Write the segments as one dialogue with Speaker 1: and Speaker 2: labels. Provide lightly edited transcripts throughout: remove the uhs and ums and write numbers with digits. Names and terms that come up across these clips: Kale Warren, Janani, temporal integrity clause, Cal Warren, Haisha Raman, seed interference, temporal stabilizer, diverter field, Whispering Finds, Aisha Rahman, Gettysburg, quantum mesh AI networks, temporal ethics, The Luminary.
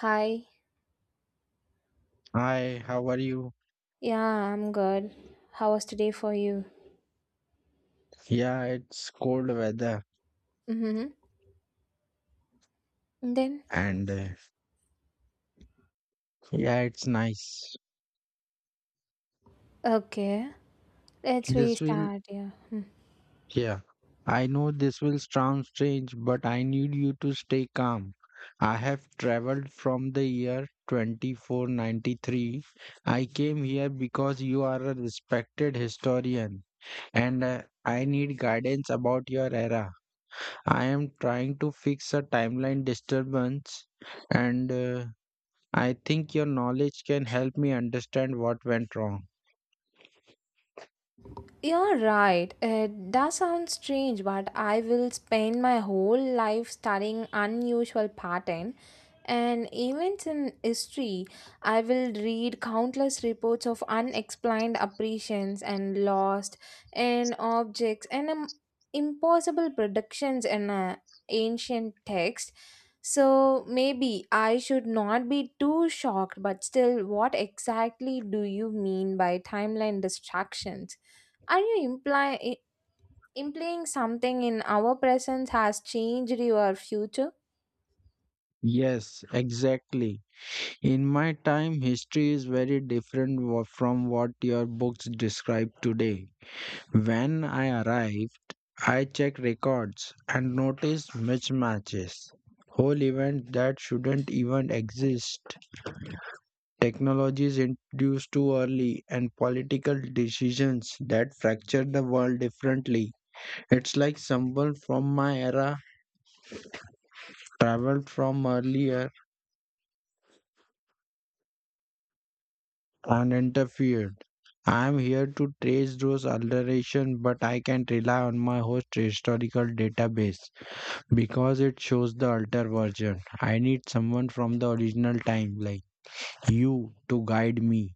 Speaker 1: Hi.
Speaker 2: Hi, how are you?
Speaker 1: Yeah, I'm good. How was today for you?
Speaker 2: Yeah, it's cold weather
Speaker 1: Mm-hmm. Then,
Speaker 2: and yeah, it's nice.
Speaker 1: okay, let's
Speaker 2: This will,
Speaker 1: restart. Yeah. Mm-hmm.
Speaker 2: yeah, I know this will sound strange, but I need you to stay calm. I have traveled from the year 2493. I came here because you are a respected historian and I need guidance about your era. I am trying to fix a timeline disturbance and I think your knowledge can help me understand what went wrong.
Speaker 1: You're right. It does sound strange, but I will spend my whole life studying unusual pattern and events in history. I will read countless reports of unexplained apparitions and lost and objects and impossible predictions in a ancient text. So maybe I should not be too shocked, but still, what exactly do you mean by timeline distractions? Are you implying something in our presence has changed your future?
Speaker 2: Yes, exactly. In my time, history is very different from what your books describe today. When I arrived, I checked records and noticed mismatches. Whole events that shouldn't even exist, technologies introduced too early, and political decisions that fractured the world differently. It's like someone from my era traveled from earlier and interfered. I am here to trace those alterations, but I can't rely on my host historical database because it shows the altered version. I need someone from the original time, like you, to guide me.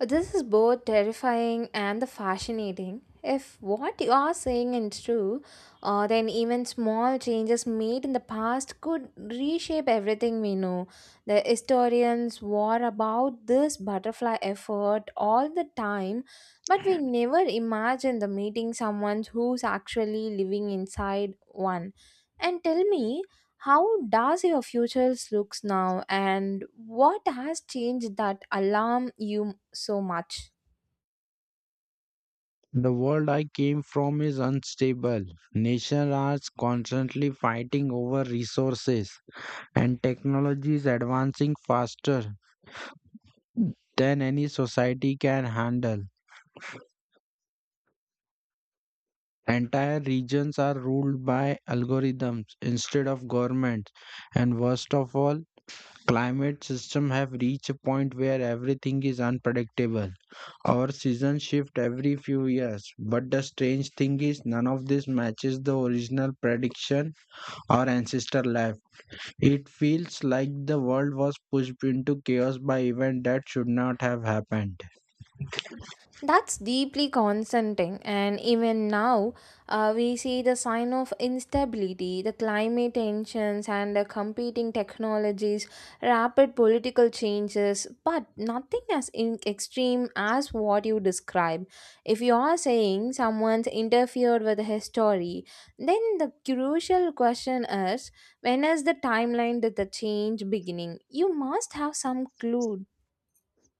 Speaker 1: This is both terrifying and the fascinating. If what you are saying is true, then even small changes made in the past could reshape everything we know. The historians war about this butterfly effort all the time, but we never imagine the meeting someone who's actually living inside one. And tell me, how does your future looks now and what has changed that alarm you so much?
Speaker 2: The world I came from is unstable. Nations are constantly fighting over resources, and technology is advancing faster than any society can handle. Entire regions are ruled by algorithms instead of governments. And worst of all, climate systems have reached a point where everything is unpredictable. Our seasons shift every few years, but the strange thing is none of this matches the original prediction our ancestor left. It feels like the world was pushed into chaos by events that should not have happened.
Speaker 1: That's deeply concerning, and even now, we see the sign of instability, the climate tensions, and the competing technologies, rapid political changes, but nothing as in extreme as what you describe. If you are saying someone's interfered with the history, then the crucial question is when is the timeline that the change beginning? You must have some clue.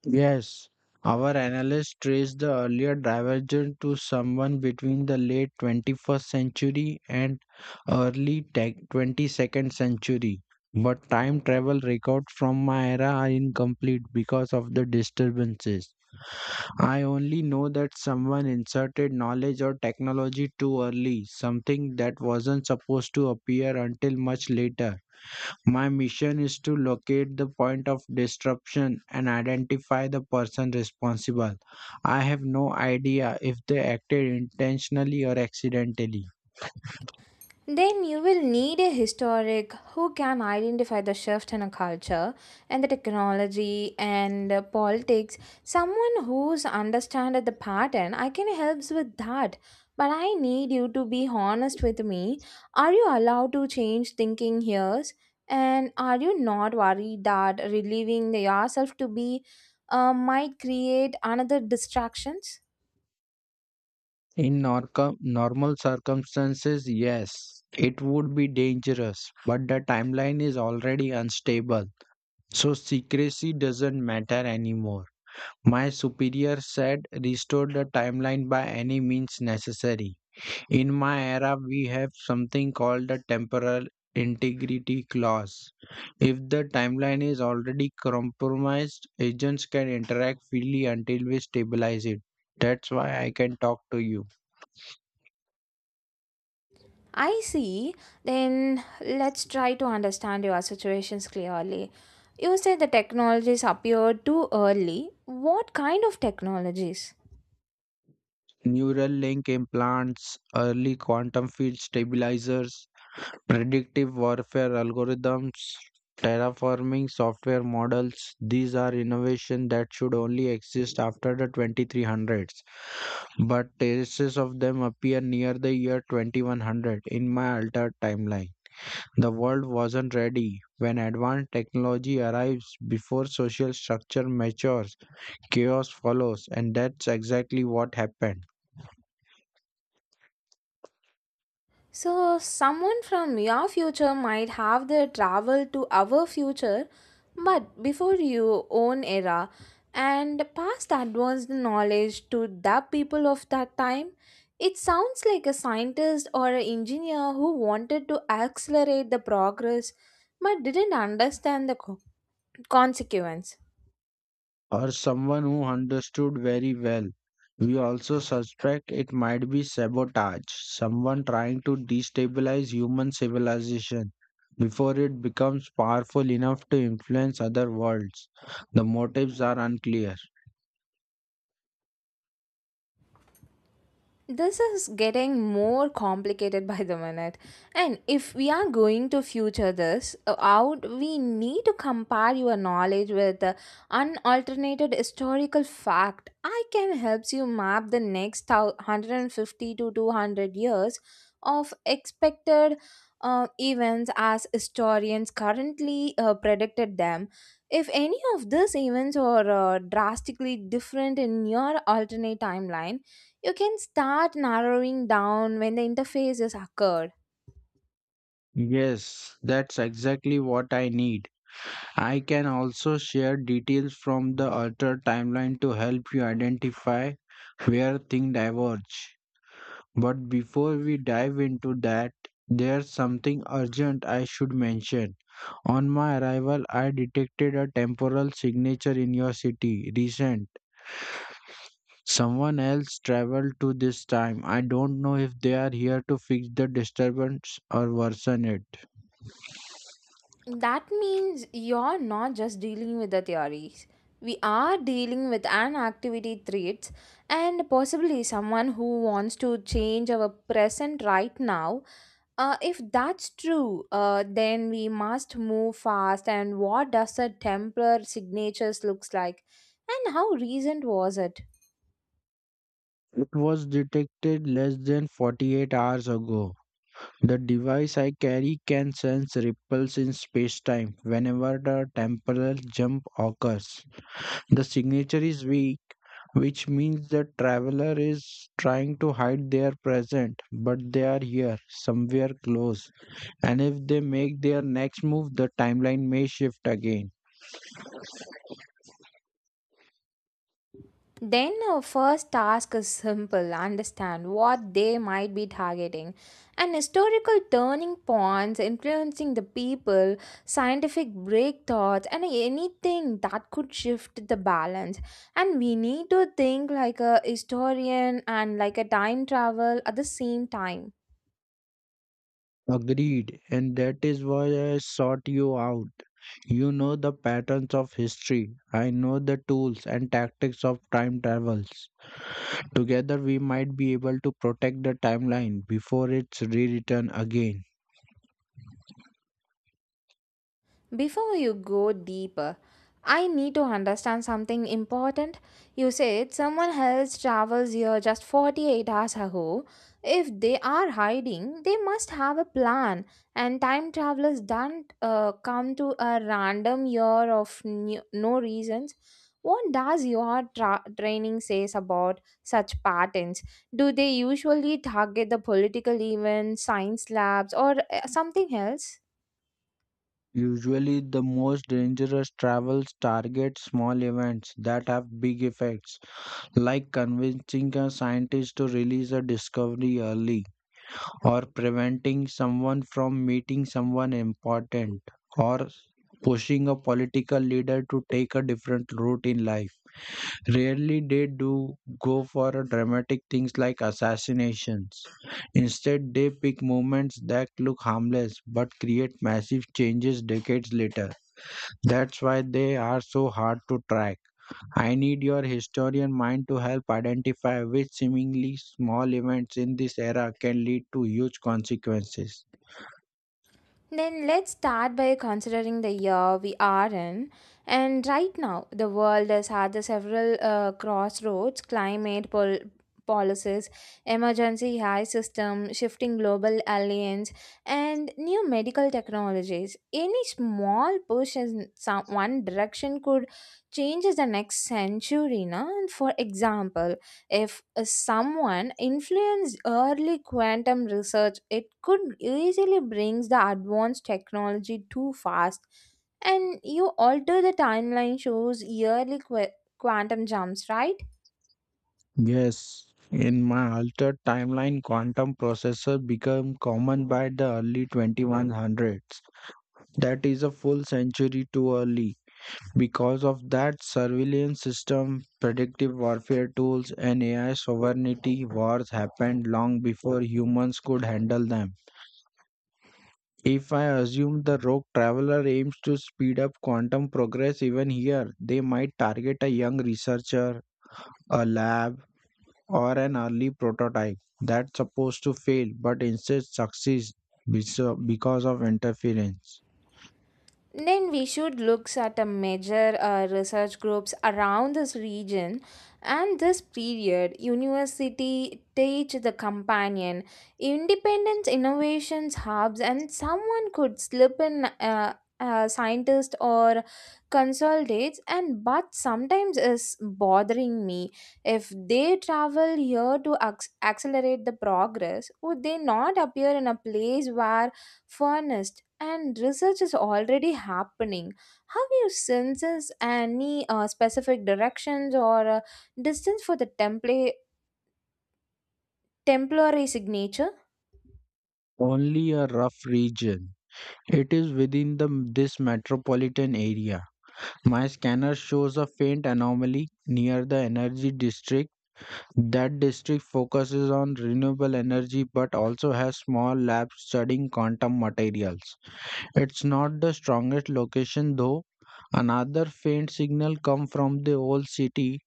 Speaker 2: Yes, our analysts traced the earlier divergence to someone between the late 21st century and 22nd century. But time travel records from my era are incomplete because of the disturbances. I only know that someone inserted knowledge or technology too early, something that wasn't supposed to appear until much later. My mission is to locate the point of disruption and identify the person responsible. I have no idea if they acted intentionally or accidentally.
Speaker 1: Then you will need a historic who can identify the shift in a culture and the technology and politics. Someone who's understand the pattern, I can helps with that. But I need you to be honest with me. Are you allowed to change thinking here? And are you not worried that relieving yourself to be might create another distractions?
Speaker 2: In normal circumstances, yes, it would be dangerous, but the timeline is already unstable, so secrecy doesn't matter anymore. My superior said restore the timeline by any means necessary. In my era, we have something called the temporal integrity clause. If the timeline is already compromised, agents can interact freely until we stabilize it. That's why I can talk to you.
Speaker 1: I see. Then let's try to understand your situations clearly. You said the technologies appeared too early. What kind of technologies?
Speaker 2: Neural link implants, early quantum field stabilizers, predictive warfare algorithms, terraforming software models, these are innovation that should only exist after the 2300s. But traces of them appear near the year 2100 in my altered timeline. The world wasn't ready. When advanced technology arrives before social structure matures, chaos follows, and that's exactly what happened.
Speaker 1: So, someone from your future might have the travel to our future, but before your own era, and pass advanced knowledge to the people of that time. It sounds like a scientist or an engineer who wanted to accelerate the progress but didn't understand the consequence.
Speaker 2: Or someone who understood very well. We also suspect it might be sabotage, someone trying to destabilize human civilization before it becomes powerful enough to influence other worlds. The motives are unclear.
Speaker 1: This is getting more complicated by the minute, and if we are going to future this out, we need to compare your knowledge with unalternated historical fact. I can helps you map the next 150 to 200 years of expected events as historians currently predicted them. If any of these events are drastically different in your alternate timeline, you can start narrowing down when the interface is occurred.
Speaker 2: Yes, that's exactly what I need. I can also share details from the altered timeline to help you identify where things diverge. But before we dive into that, there's something urgent I should mention. On my arrival, I detected a temporal signature in your city, recent. Someone else traveled to this time. I don't know if they are here to fix the disturbance or worsen it.
Speaker 1: That means you're not just dealing with the theories. We are dealing with an activity threats and possibly someone who wants to change our present right now. If that's true, then we must move fast. And what does a Templar signatures looks like, and how recent was it?
Speaker 2: It was detected less than 48 hours ago. The device I carry can sense ripples in space-time whenever the temporal jump occurs. The signature is weak, which means the traveler is trying to hide their present, but they are here, somewhere close. And if they make their next move, the timeline may shift again.
Speaker 1: Then our first task is simple understand what they might be targeting and historical turning points influencing the people, scientific breakthroughs, and anything that could shift the balance. And we need to think like a historian and like a time travel at the same time.
Speaker 2: Agreed, and that is why I sought you out. You know the patterns of history. I know the tools and tactics of time travels. Together, we might be able to protect the timeline before it's rewritten again.
Speaker 1: Before you go deeper, I need to understand something important. You said someone else travels here just 48 hours ago. If they are hiding, they must have a plan. And time travelers don't come to a random year of new, no reasons. What does your training says about such patterns? Do they usually target the political events, science labs, or something else?
Speaker 2: Usually, the most dangerous travels target small events that have big effects, like convincing a scientist to release a discovery early, or preventing someone from meeting someone important, or pushing a political leader to take a different route in life. Rarely they do go for a dramatic things like assassinations. Instead, they pick movements that look harmless but create massive changes decades later. That's why they are so hard to track. I need your historian mind to help identify which seemingly small events in this era can lead to huge consequences.
Speaker 1: Then let's start by considering the year we are in. And right now, the world is at the several crossroads climate policies, emergency high system, shifting global alliance, and new medical technologies. Any small push in some one direction could change the next century. Na? And for example, if someone influenced early quantum research, it could easily brings the advanced technology too fast. And you alter the timeline shows yearly quantum jumps, right?
Speaker 2: Yes, in my altered timeline, quantum processors become common by the early 2100s. That is a full century too early. Because of that, surveillance system, predictive warfare tools, and AI sovereignty wars happened long before humans could handle them. If I assume the rogue traveler aims to speed up quantum progress even here, they might target a young researcher, a lab, or an early prototype that's supposed to fail but instead succeeds because of interference.
Speaker 1: Then we should look at a major research groups around this region and this period university teach the companion independence innovations hubs, and someone could slip in scientist or consultates. And but sometimes is bothering me, if they travel here to accelerate the progress, would they not appear in a place where furnished and research is already happening? How you senses any specific directions or distance for the template temporary signature?
Speaker 2: Only a rough region. It is within the, this metropolitan area. My scanner shows a faint anomaly near the energy district. That district focuses on renewable energy but also has small labs studying quantum materials. It's not the strongest location though. Another faint signal come from the old city,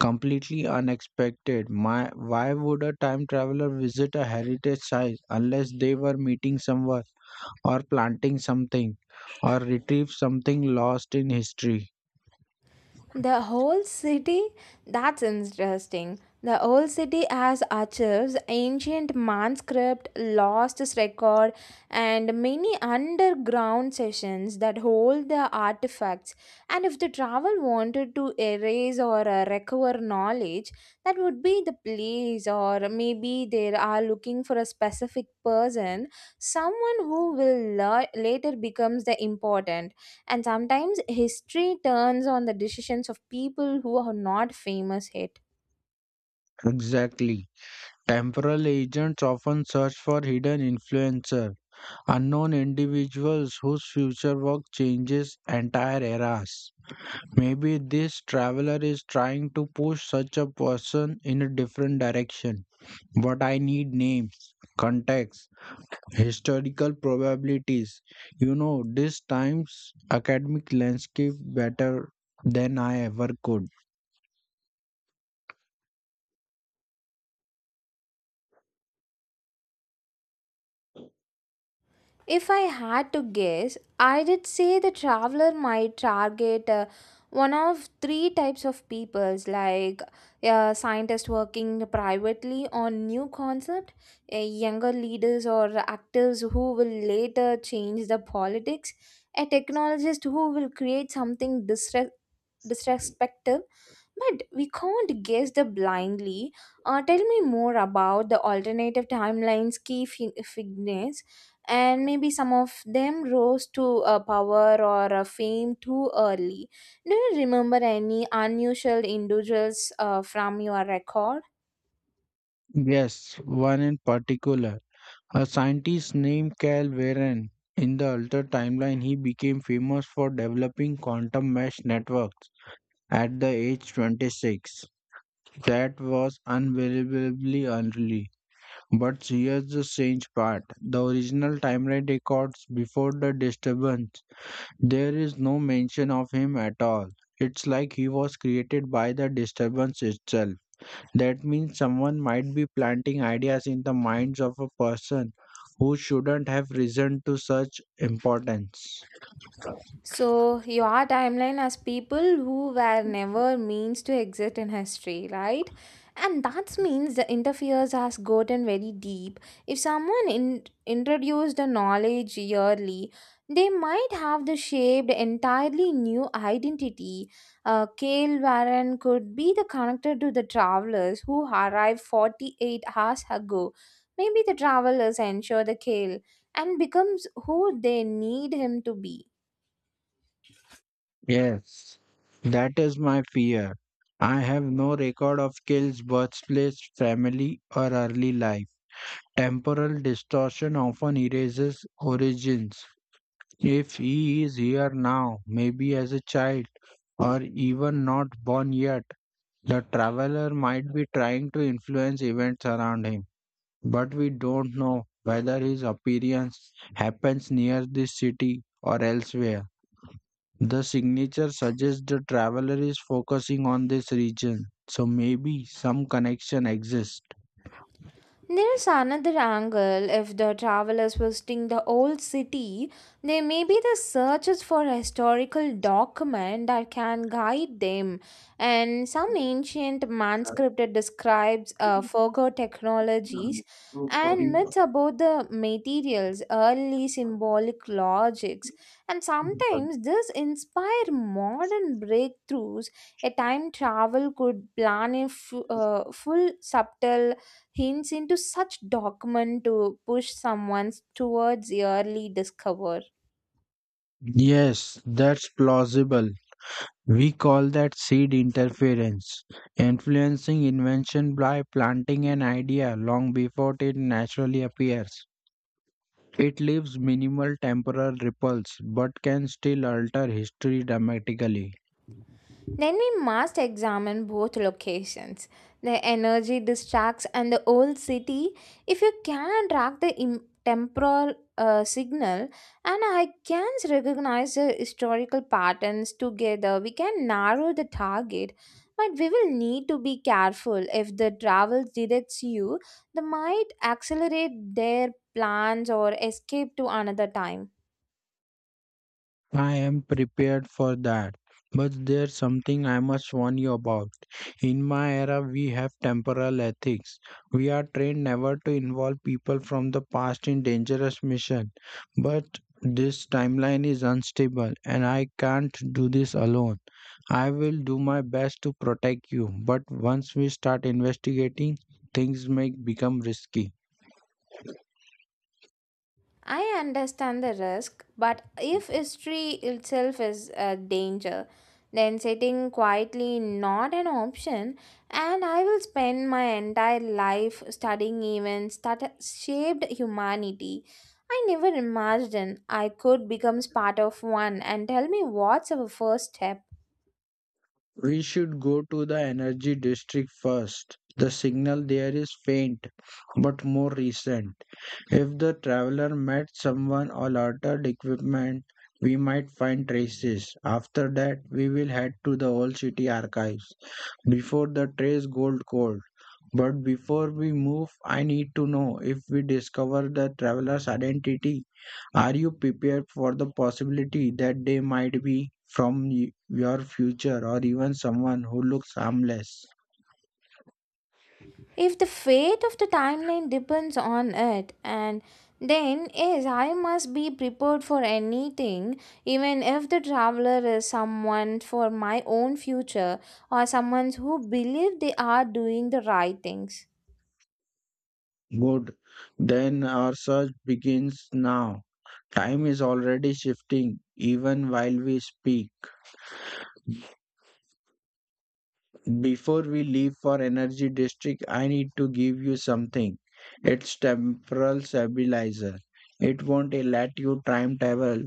Speaker 2: completely unexpected. My, why would a time traveler visit a heritage site unless they were meeting someone or planting something or retrieve something lost in history?
Speaker 1: The whole city? That's interesting. The whole city has archives, ancient manuscript, lost record, and many underground sessions that hold the artifacts. And if the travel wanted to erase or recover knowledge, that would be the place. Or maybe they are looking for a specific person, someone who will later becomes the important. And sometimes history turns on the decisions of people who are not famous yet.
Speaker 2: Exactly. Temporal agents often search for hidden influencer unknown individuals whose future work changes entire eras. Maybe this traveler is trying to push such a person in a different direction. But I need names, context, historical probabilities. You know, this time's academic landscape better than I ever could.
Speaker 1: If I had to guess, I did say the traveler might target one of three types of peoples like a scientist working privately on new concept, a younger leaders or actors who will later change the politics, a technologist who will create something disrespectful. But we can't guess the blindly. Tell me more about the alternative timelines, key figures, and maybe some of them rose to power or fame too early. Do you remember any unusual individuals from your record?
Speaker 2: Yes, one in particular. A scientist named Cal Warren. In the altered timeline, he became famous for developing quantum mesh networks at the age 26. That was unbelievably early. But here's the strange part the original timeline records before the disturbance, there is no mention of him at all. It's like he was created by the disturbance itself. That means someone might be planting ideas in the minds of a person who shouldn't have risen to such importance.
Speaker 1: So, your timeline as people who were never means to exist in history, right? And that means the interferes has gotten very deep. If someone introduced the knowledge yearly, they might have the shaped entirely new identity. Kale Warren could be the connector to the travelers who arrived 48 hours ago. Maybe the travelers ensure the Kale and becomes who they need him to be.
Speaker 2: Yes, that is my fear. I have no record of kills, birthplace, family, or early life. Temporal distortion often erases origins. If he is here now, maybe as a child, or even not born yet, the traveler might be trying to influence events around him. But we don't know whether his appearance happens near this city or elsewhere. The signature suggests the traveler is focusing on this region, so maybe some connection exists.
Speaker 1: There's another angle. If the travelers visiting the old city, they may be the searches for a historical document that can guide them. And some ancient manuscript that describes forgo technologies and myths about the materials, early symbolic logics. And sometimes this inspire modern breakthroughs. A time travel could plan a full subtle hints into such document to push someone towards early discover.
Speaker 2: Yes, that's plausible. We call that seed interference, influencing invention by planting an idea long before it naturally appears. It leaves minimal temporal ripples but can still alter history dramatically.
Speaker 1: Then we must examine both locations the energy distracts and the old city. If you can track the temporal signal and I can recognize the historical patterns together, we can narrow the target. But we will need to be careful if the travel directs you, they might accelerate their plans or escape to another time.
Speaker 2: I am prepared for that. But there's something I must warn you about. In my era, we have temporal ethics. We are trained never to involve people from the past in dangerous missions. But this timeline is unstable, and I can't do this alone. I will do my best to protect you, but once we start investigating, things may become risky.
Speaker 1: I understand the risk, but if history itself is a danger, then sitting quietly not an option, and I will spend my entire life studying events that shaped humanity. I never imagined I could become part of one and tell me what's our first step.
Speaker 2: We should go to the energy district first. The signal there is faint but more recent. If the traveler met someone or altered equipment, we might find traces. After that, we will head to the old city archives before the trace gold cold. But before we move, I need to know if we discover the traveler's identity, are you prepared for the possibility that they might be from your future or even someone who looks harmless?
Speaker 1: If the fate of the timeline depends on it, and then yes, I must be prepared for anything, even if the traveler is someone for my own future or someone who believe they are doing the right things.
Speaker 2: Good. Then our search begins now. Time is already shifting even while we speak. Before we leave for Energy District, I need to give you something. It's temporal stabilizer. It won't let you time travel,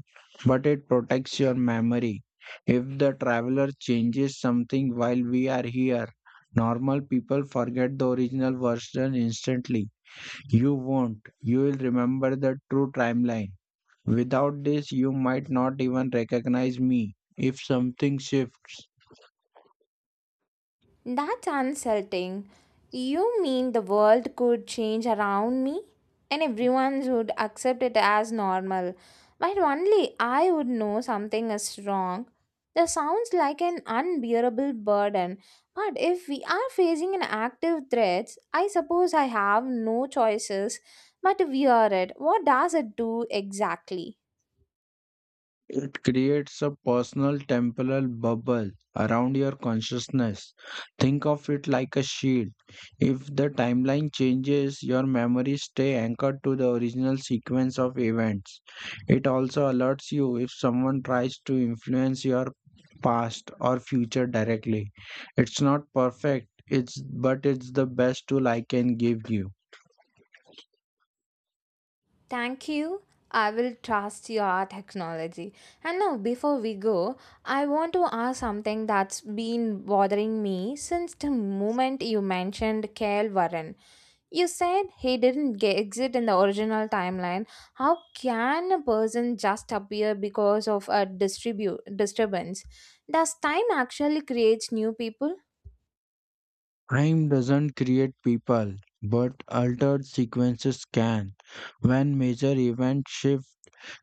Speaker 2: but it protects your memory. If the traveler changes something while we are here, normal people forget the original version instantly. You won't. You will remember the true timeline. Without this, you might not even recognize me. If something shifts,
Speaker 1: That's unsettling. You mean the world could change around me? And everyone would accept it as normal. But only I would know something is wrong. That sounds like an unbearable burden. But if we are facing an active threat, I suppose I have no choices but to wear it. What does it do exactly?
Speaker 2: it creates a personal temporal bubble around your consciousness. Think of it like a shield. If the timeline changes, your memories stay anchored to the original sequence of events. It also alerts you if someone tries to influence your past or future directly. It's not perfect, it's but it's the best tool I can give you.
Speaker 1: Thank you. I will trust your technology. And now, before we go, I want to ask something that's been bothering me since the moment you mentioned Kale Warren. You said he didn't exist in the original timeline. How can a person just appear because of a disturbance? Does time actually creates new people?
Speaker 2: Time doesn't create people, but altered sequences can. When major events shift,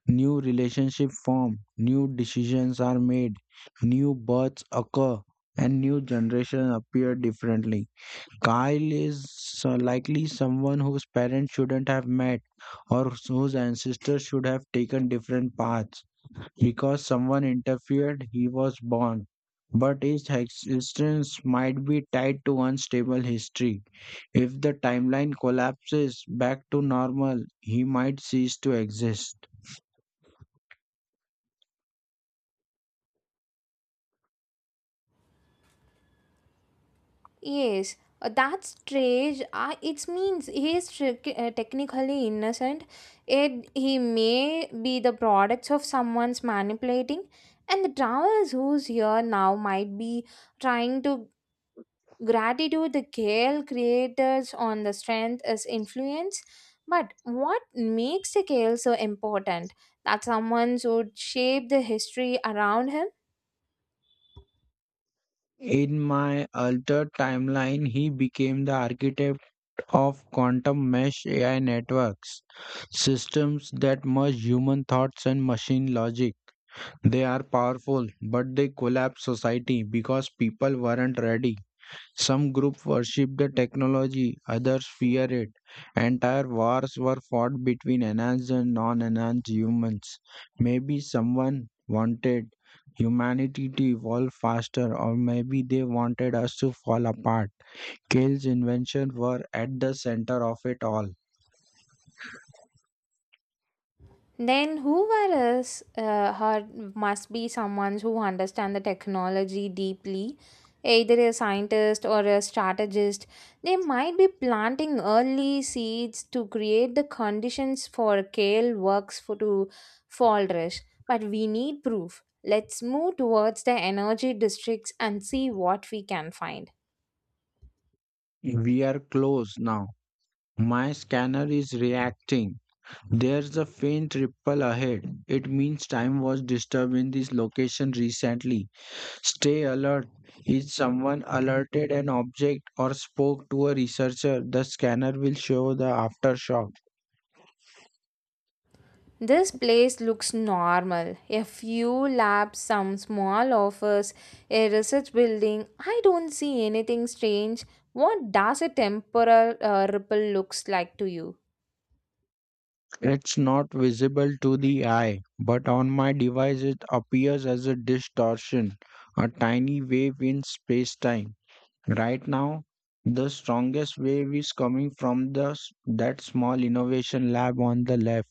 Speaker 2: new relationships form, new decisions are made, new births occur, and new generations appear differently. Kyle is so likely someone whose parents shouldn't have met or whose ancestors should have taken different paths because someone interfered, he was born. But his existence might be tied to unstable history. If the timeline collapses back to normal, he might cease to exist.
Speaker 1: Yes, that's strange. I it means he is technically innocent. It he may be the products of someone's manipulating, and the travellers who's here now might be trying to gratitude the kale creators on the strength as influence. But what makes the kale so important? That someone would shape the history around him.
Speaker 2: In my altered timeline, he became the architect of quantum mesh AI networks, systems that merge human thoughts and machine logic. They are powerful, but they collapse society because people weren't ready. Some groups worshipped the technology, others feared it. Entire wars were fought between enhanced and non enhanced humans. Maybe someone wanted humanity to evolve faster, or maybe they wanted us to fall apart. Kale's inventions were at the center of it all.
Speaker 1: Then whoever is her must be someone who understand the technology deeply, either a scientist or a strategist. They might be planting early seeds to create the conditions for kale works for to flourish. But we need proof. Let's move towards the energy districts and see what we can find.
Speaker 2: We are close now. My scanner is reacting. There's a faint ripple ahead. It means time was disturbed in this location recently. Stay alert. If someone alerted an object or spoke to a researcher, the scanner will show the aftershock.
Speaker 1: This place looks normal. A few labs, some small office, a research building. I don't see anything strange. What does a temporal ripple looks like to you?
Speaker 2: It's not visible to the eye, but on my device it appears as a distortion, a tiny wave in space-time. Right now, the strongest wave is coming from the that small innovation lab on the left.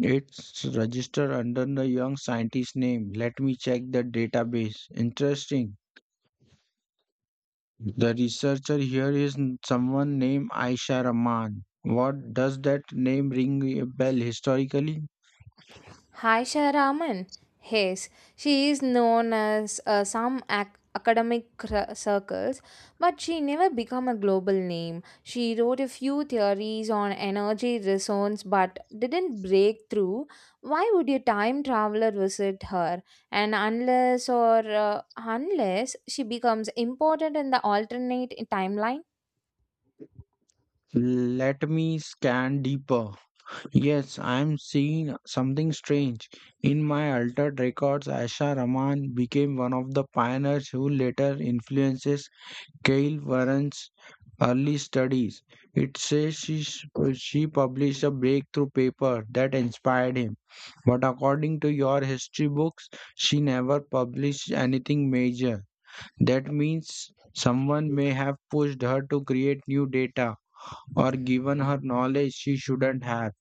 Speaker 2: It's registered under the young scientist name. Let me check the database. Interesting. The researcher here is someone named Aisha Rahman. What does that name ring a bell historically?
Speaker 1: Haisha Raman. Yes, she is known as some academic circles, but she never became a global name. She wrote a few theories on energy resonance but didn't break through. Why would a time traveler visit her? And unless or unless she becomes important in the alternate timeline.
Speaker 2: Let me scan deeper. Yes, I am seeing something strange. In my altered records, Aisha Rahman became one of the pioneers who later influences Gail Warren's early studies. It says she published a breakthrough paper that inspired him, but according to your history books, she never published anything major. That means someone may have pushed her to create new data or given her knowledge she shouldn't have.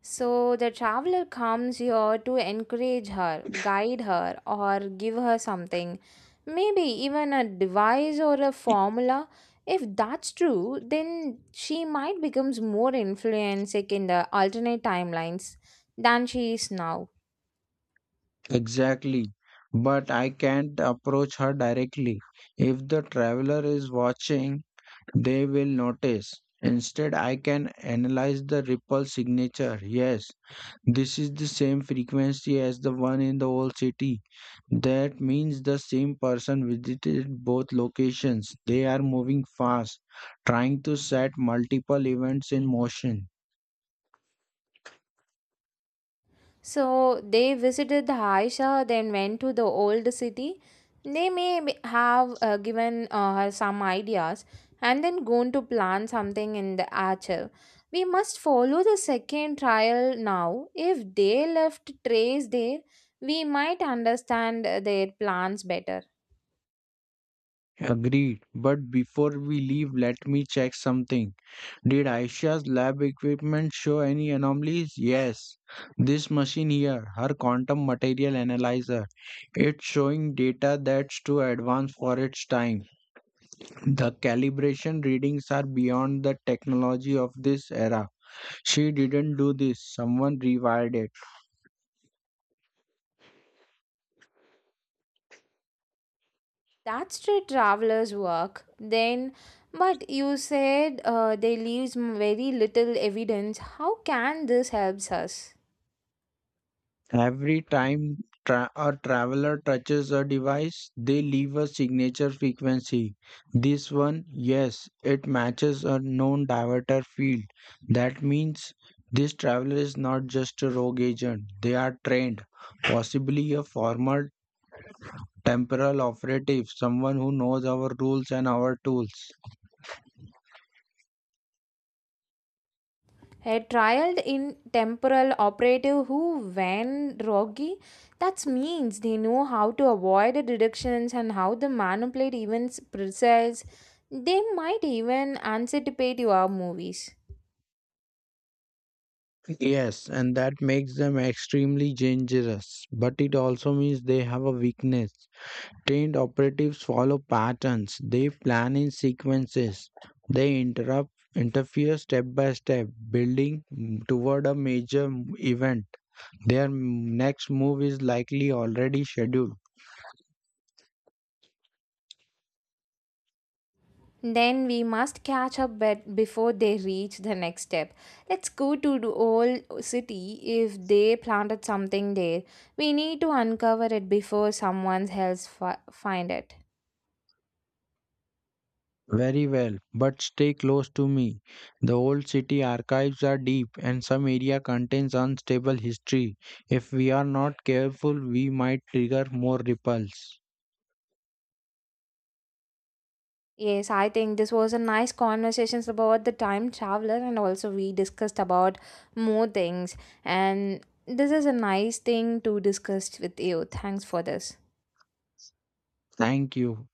Speaker 1: So the traveler comes here to encourage her, guide her, or give her something, maybe even a device or a formula. If that's true, then she might becomes more influencing in the alternate timelines than she is now.
Speaker 2: Exactly. But I can't approach her directly. If the traveler is watching, they will notice. Instead, I can analyze the ripple signature. Yes, this is the same frequency as the one in the old city. That means the same person visited both locations. They are moving fast, trying to set multiple events in motion.
Speaker 1: So they visited the Aisha, then went to the old city. They have given her some ideas and then gone to plan something in the archive. We must follow the second trial now. If they left trace there, we might understand their plans better.
Speaker 2: Agreed. But before we leave, let me check something. Did Aisha's lab equipment show any anomalies? Yes. This machine here, her quantum material analyzer, it's showing data that's too advanced for its time. The calibration readings are beyond the technology of this era. She didn't do this, someone rewired it.
Speaker 1: That's the traveler's work. Then, but you said they leaves very little evidence. How can this helps us?
Speaker 2: Every time a traveler touches a device, they leave a signature frequency. This one, yes, it matches a known diverter field. That means this traveler is not just a rogue agent, they are trained, possibly a former temporal operative, someone who knows our rules and our tools.
Speaker 1: He trialed in temporal operative who when Rogi. That means they know how to avoid the deductions and how to manipulate events precise. They might even anticipate your movies.
Speaker 2: Yes, and that makes them extremely dangerous, but it also means they have a weakness. Trained operatives follow patterns, they plan in sequences, they interrupt, interfere step by step, building toward a major event. Their next move is likely already scheduled.
Speaker 1: Then we must catch up bet before they reach the next step. Let's go to the old city if they planted something there. We need to uncover it before someone else find it.
Speaker 2: Very well, but stay close to me. The old city archives are deep and some area contains unstable history. If we are not careful, we might trigger more ripples.
Speaker 1: Yes, I think this was a nice conversations about the time traveler and also we discussed about more things and this is a nice thing to discuss with you. Thanks for this.
Speaker 2: Thank you.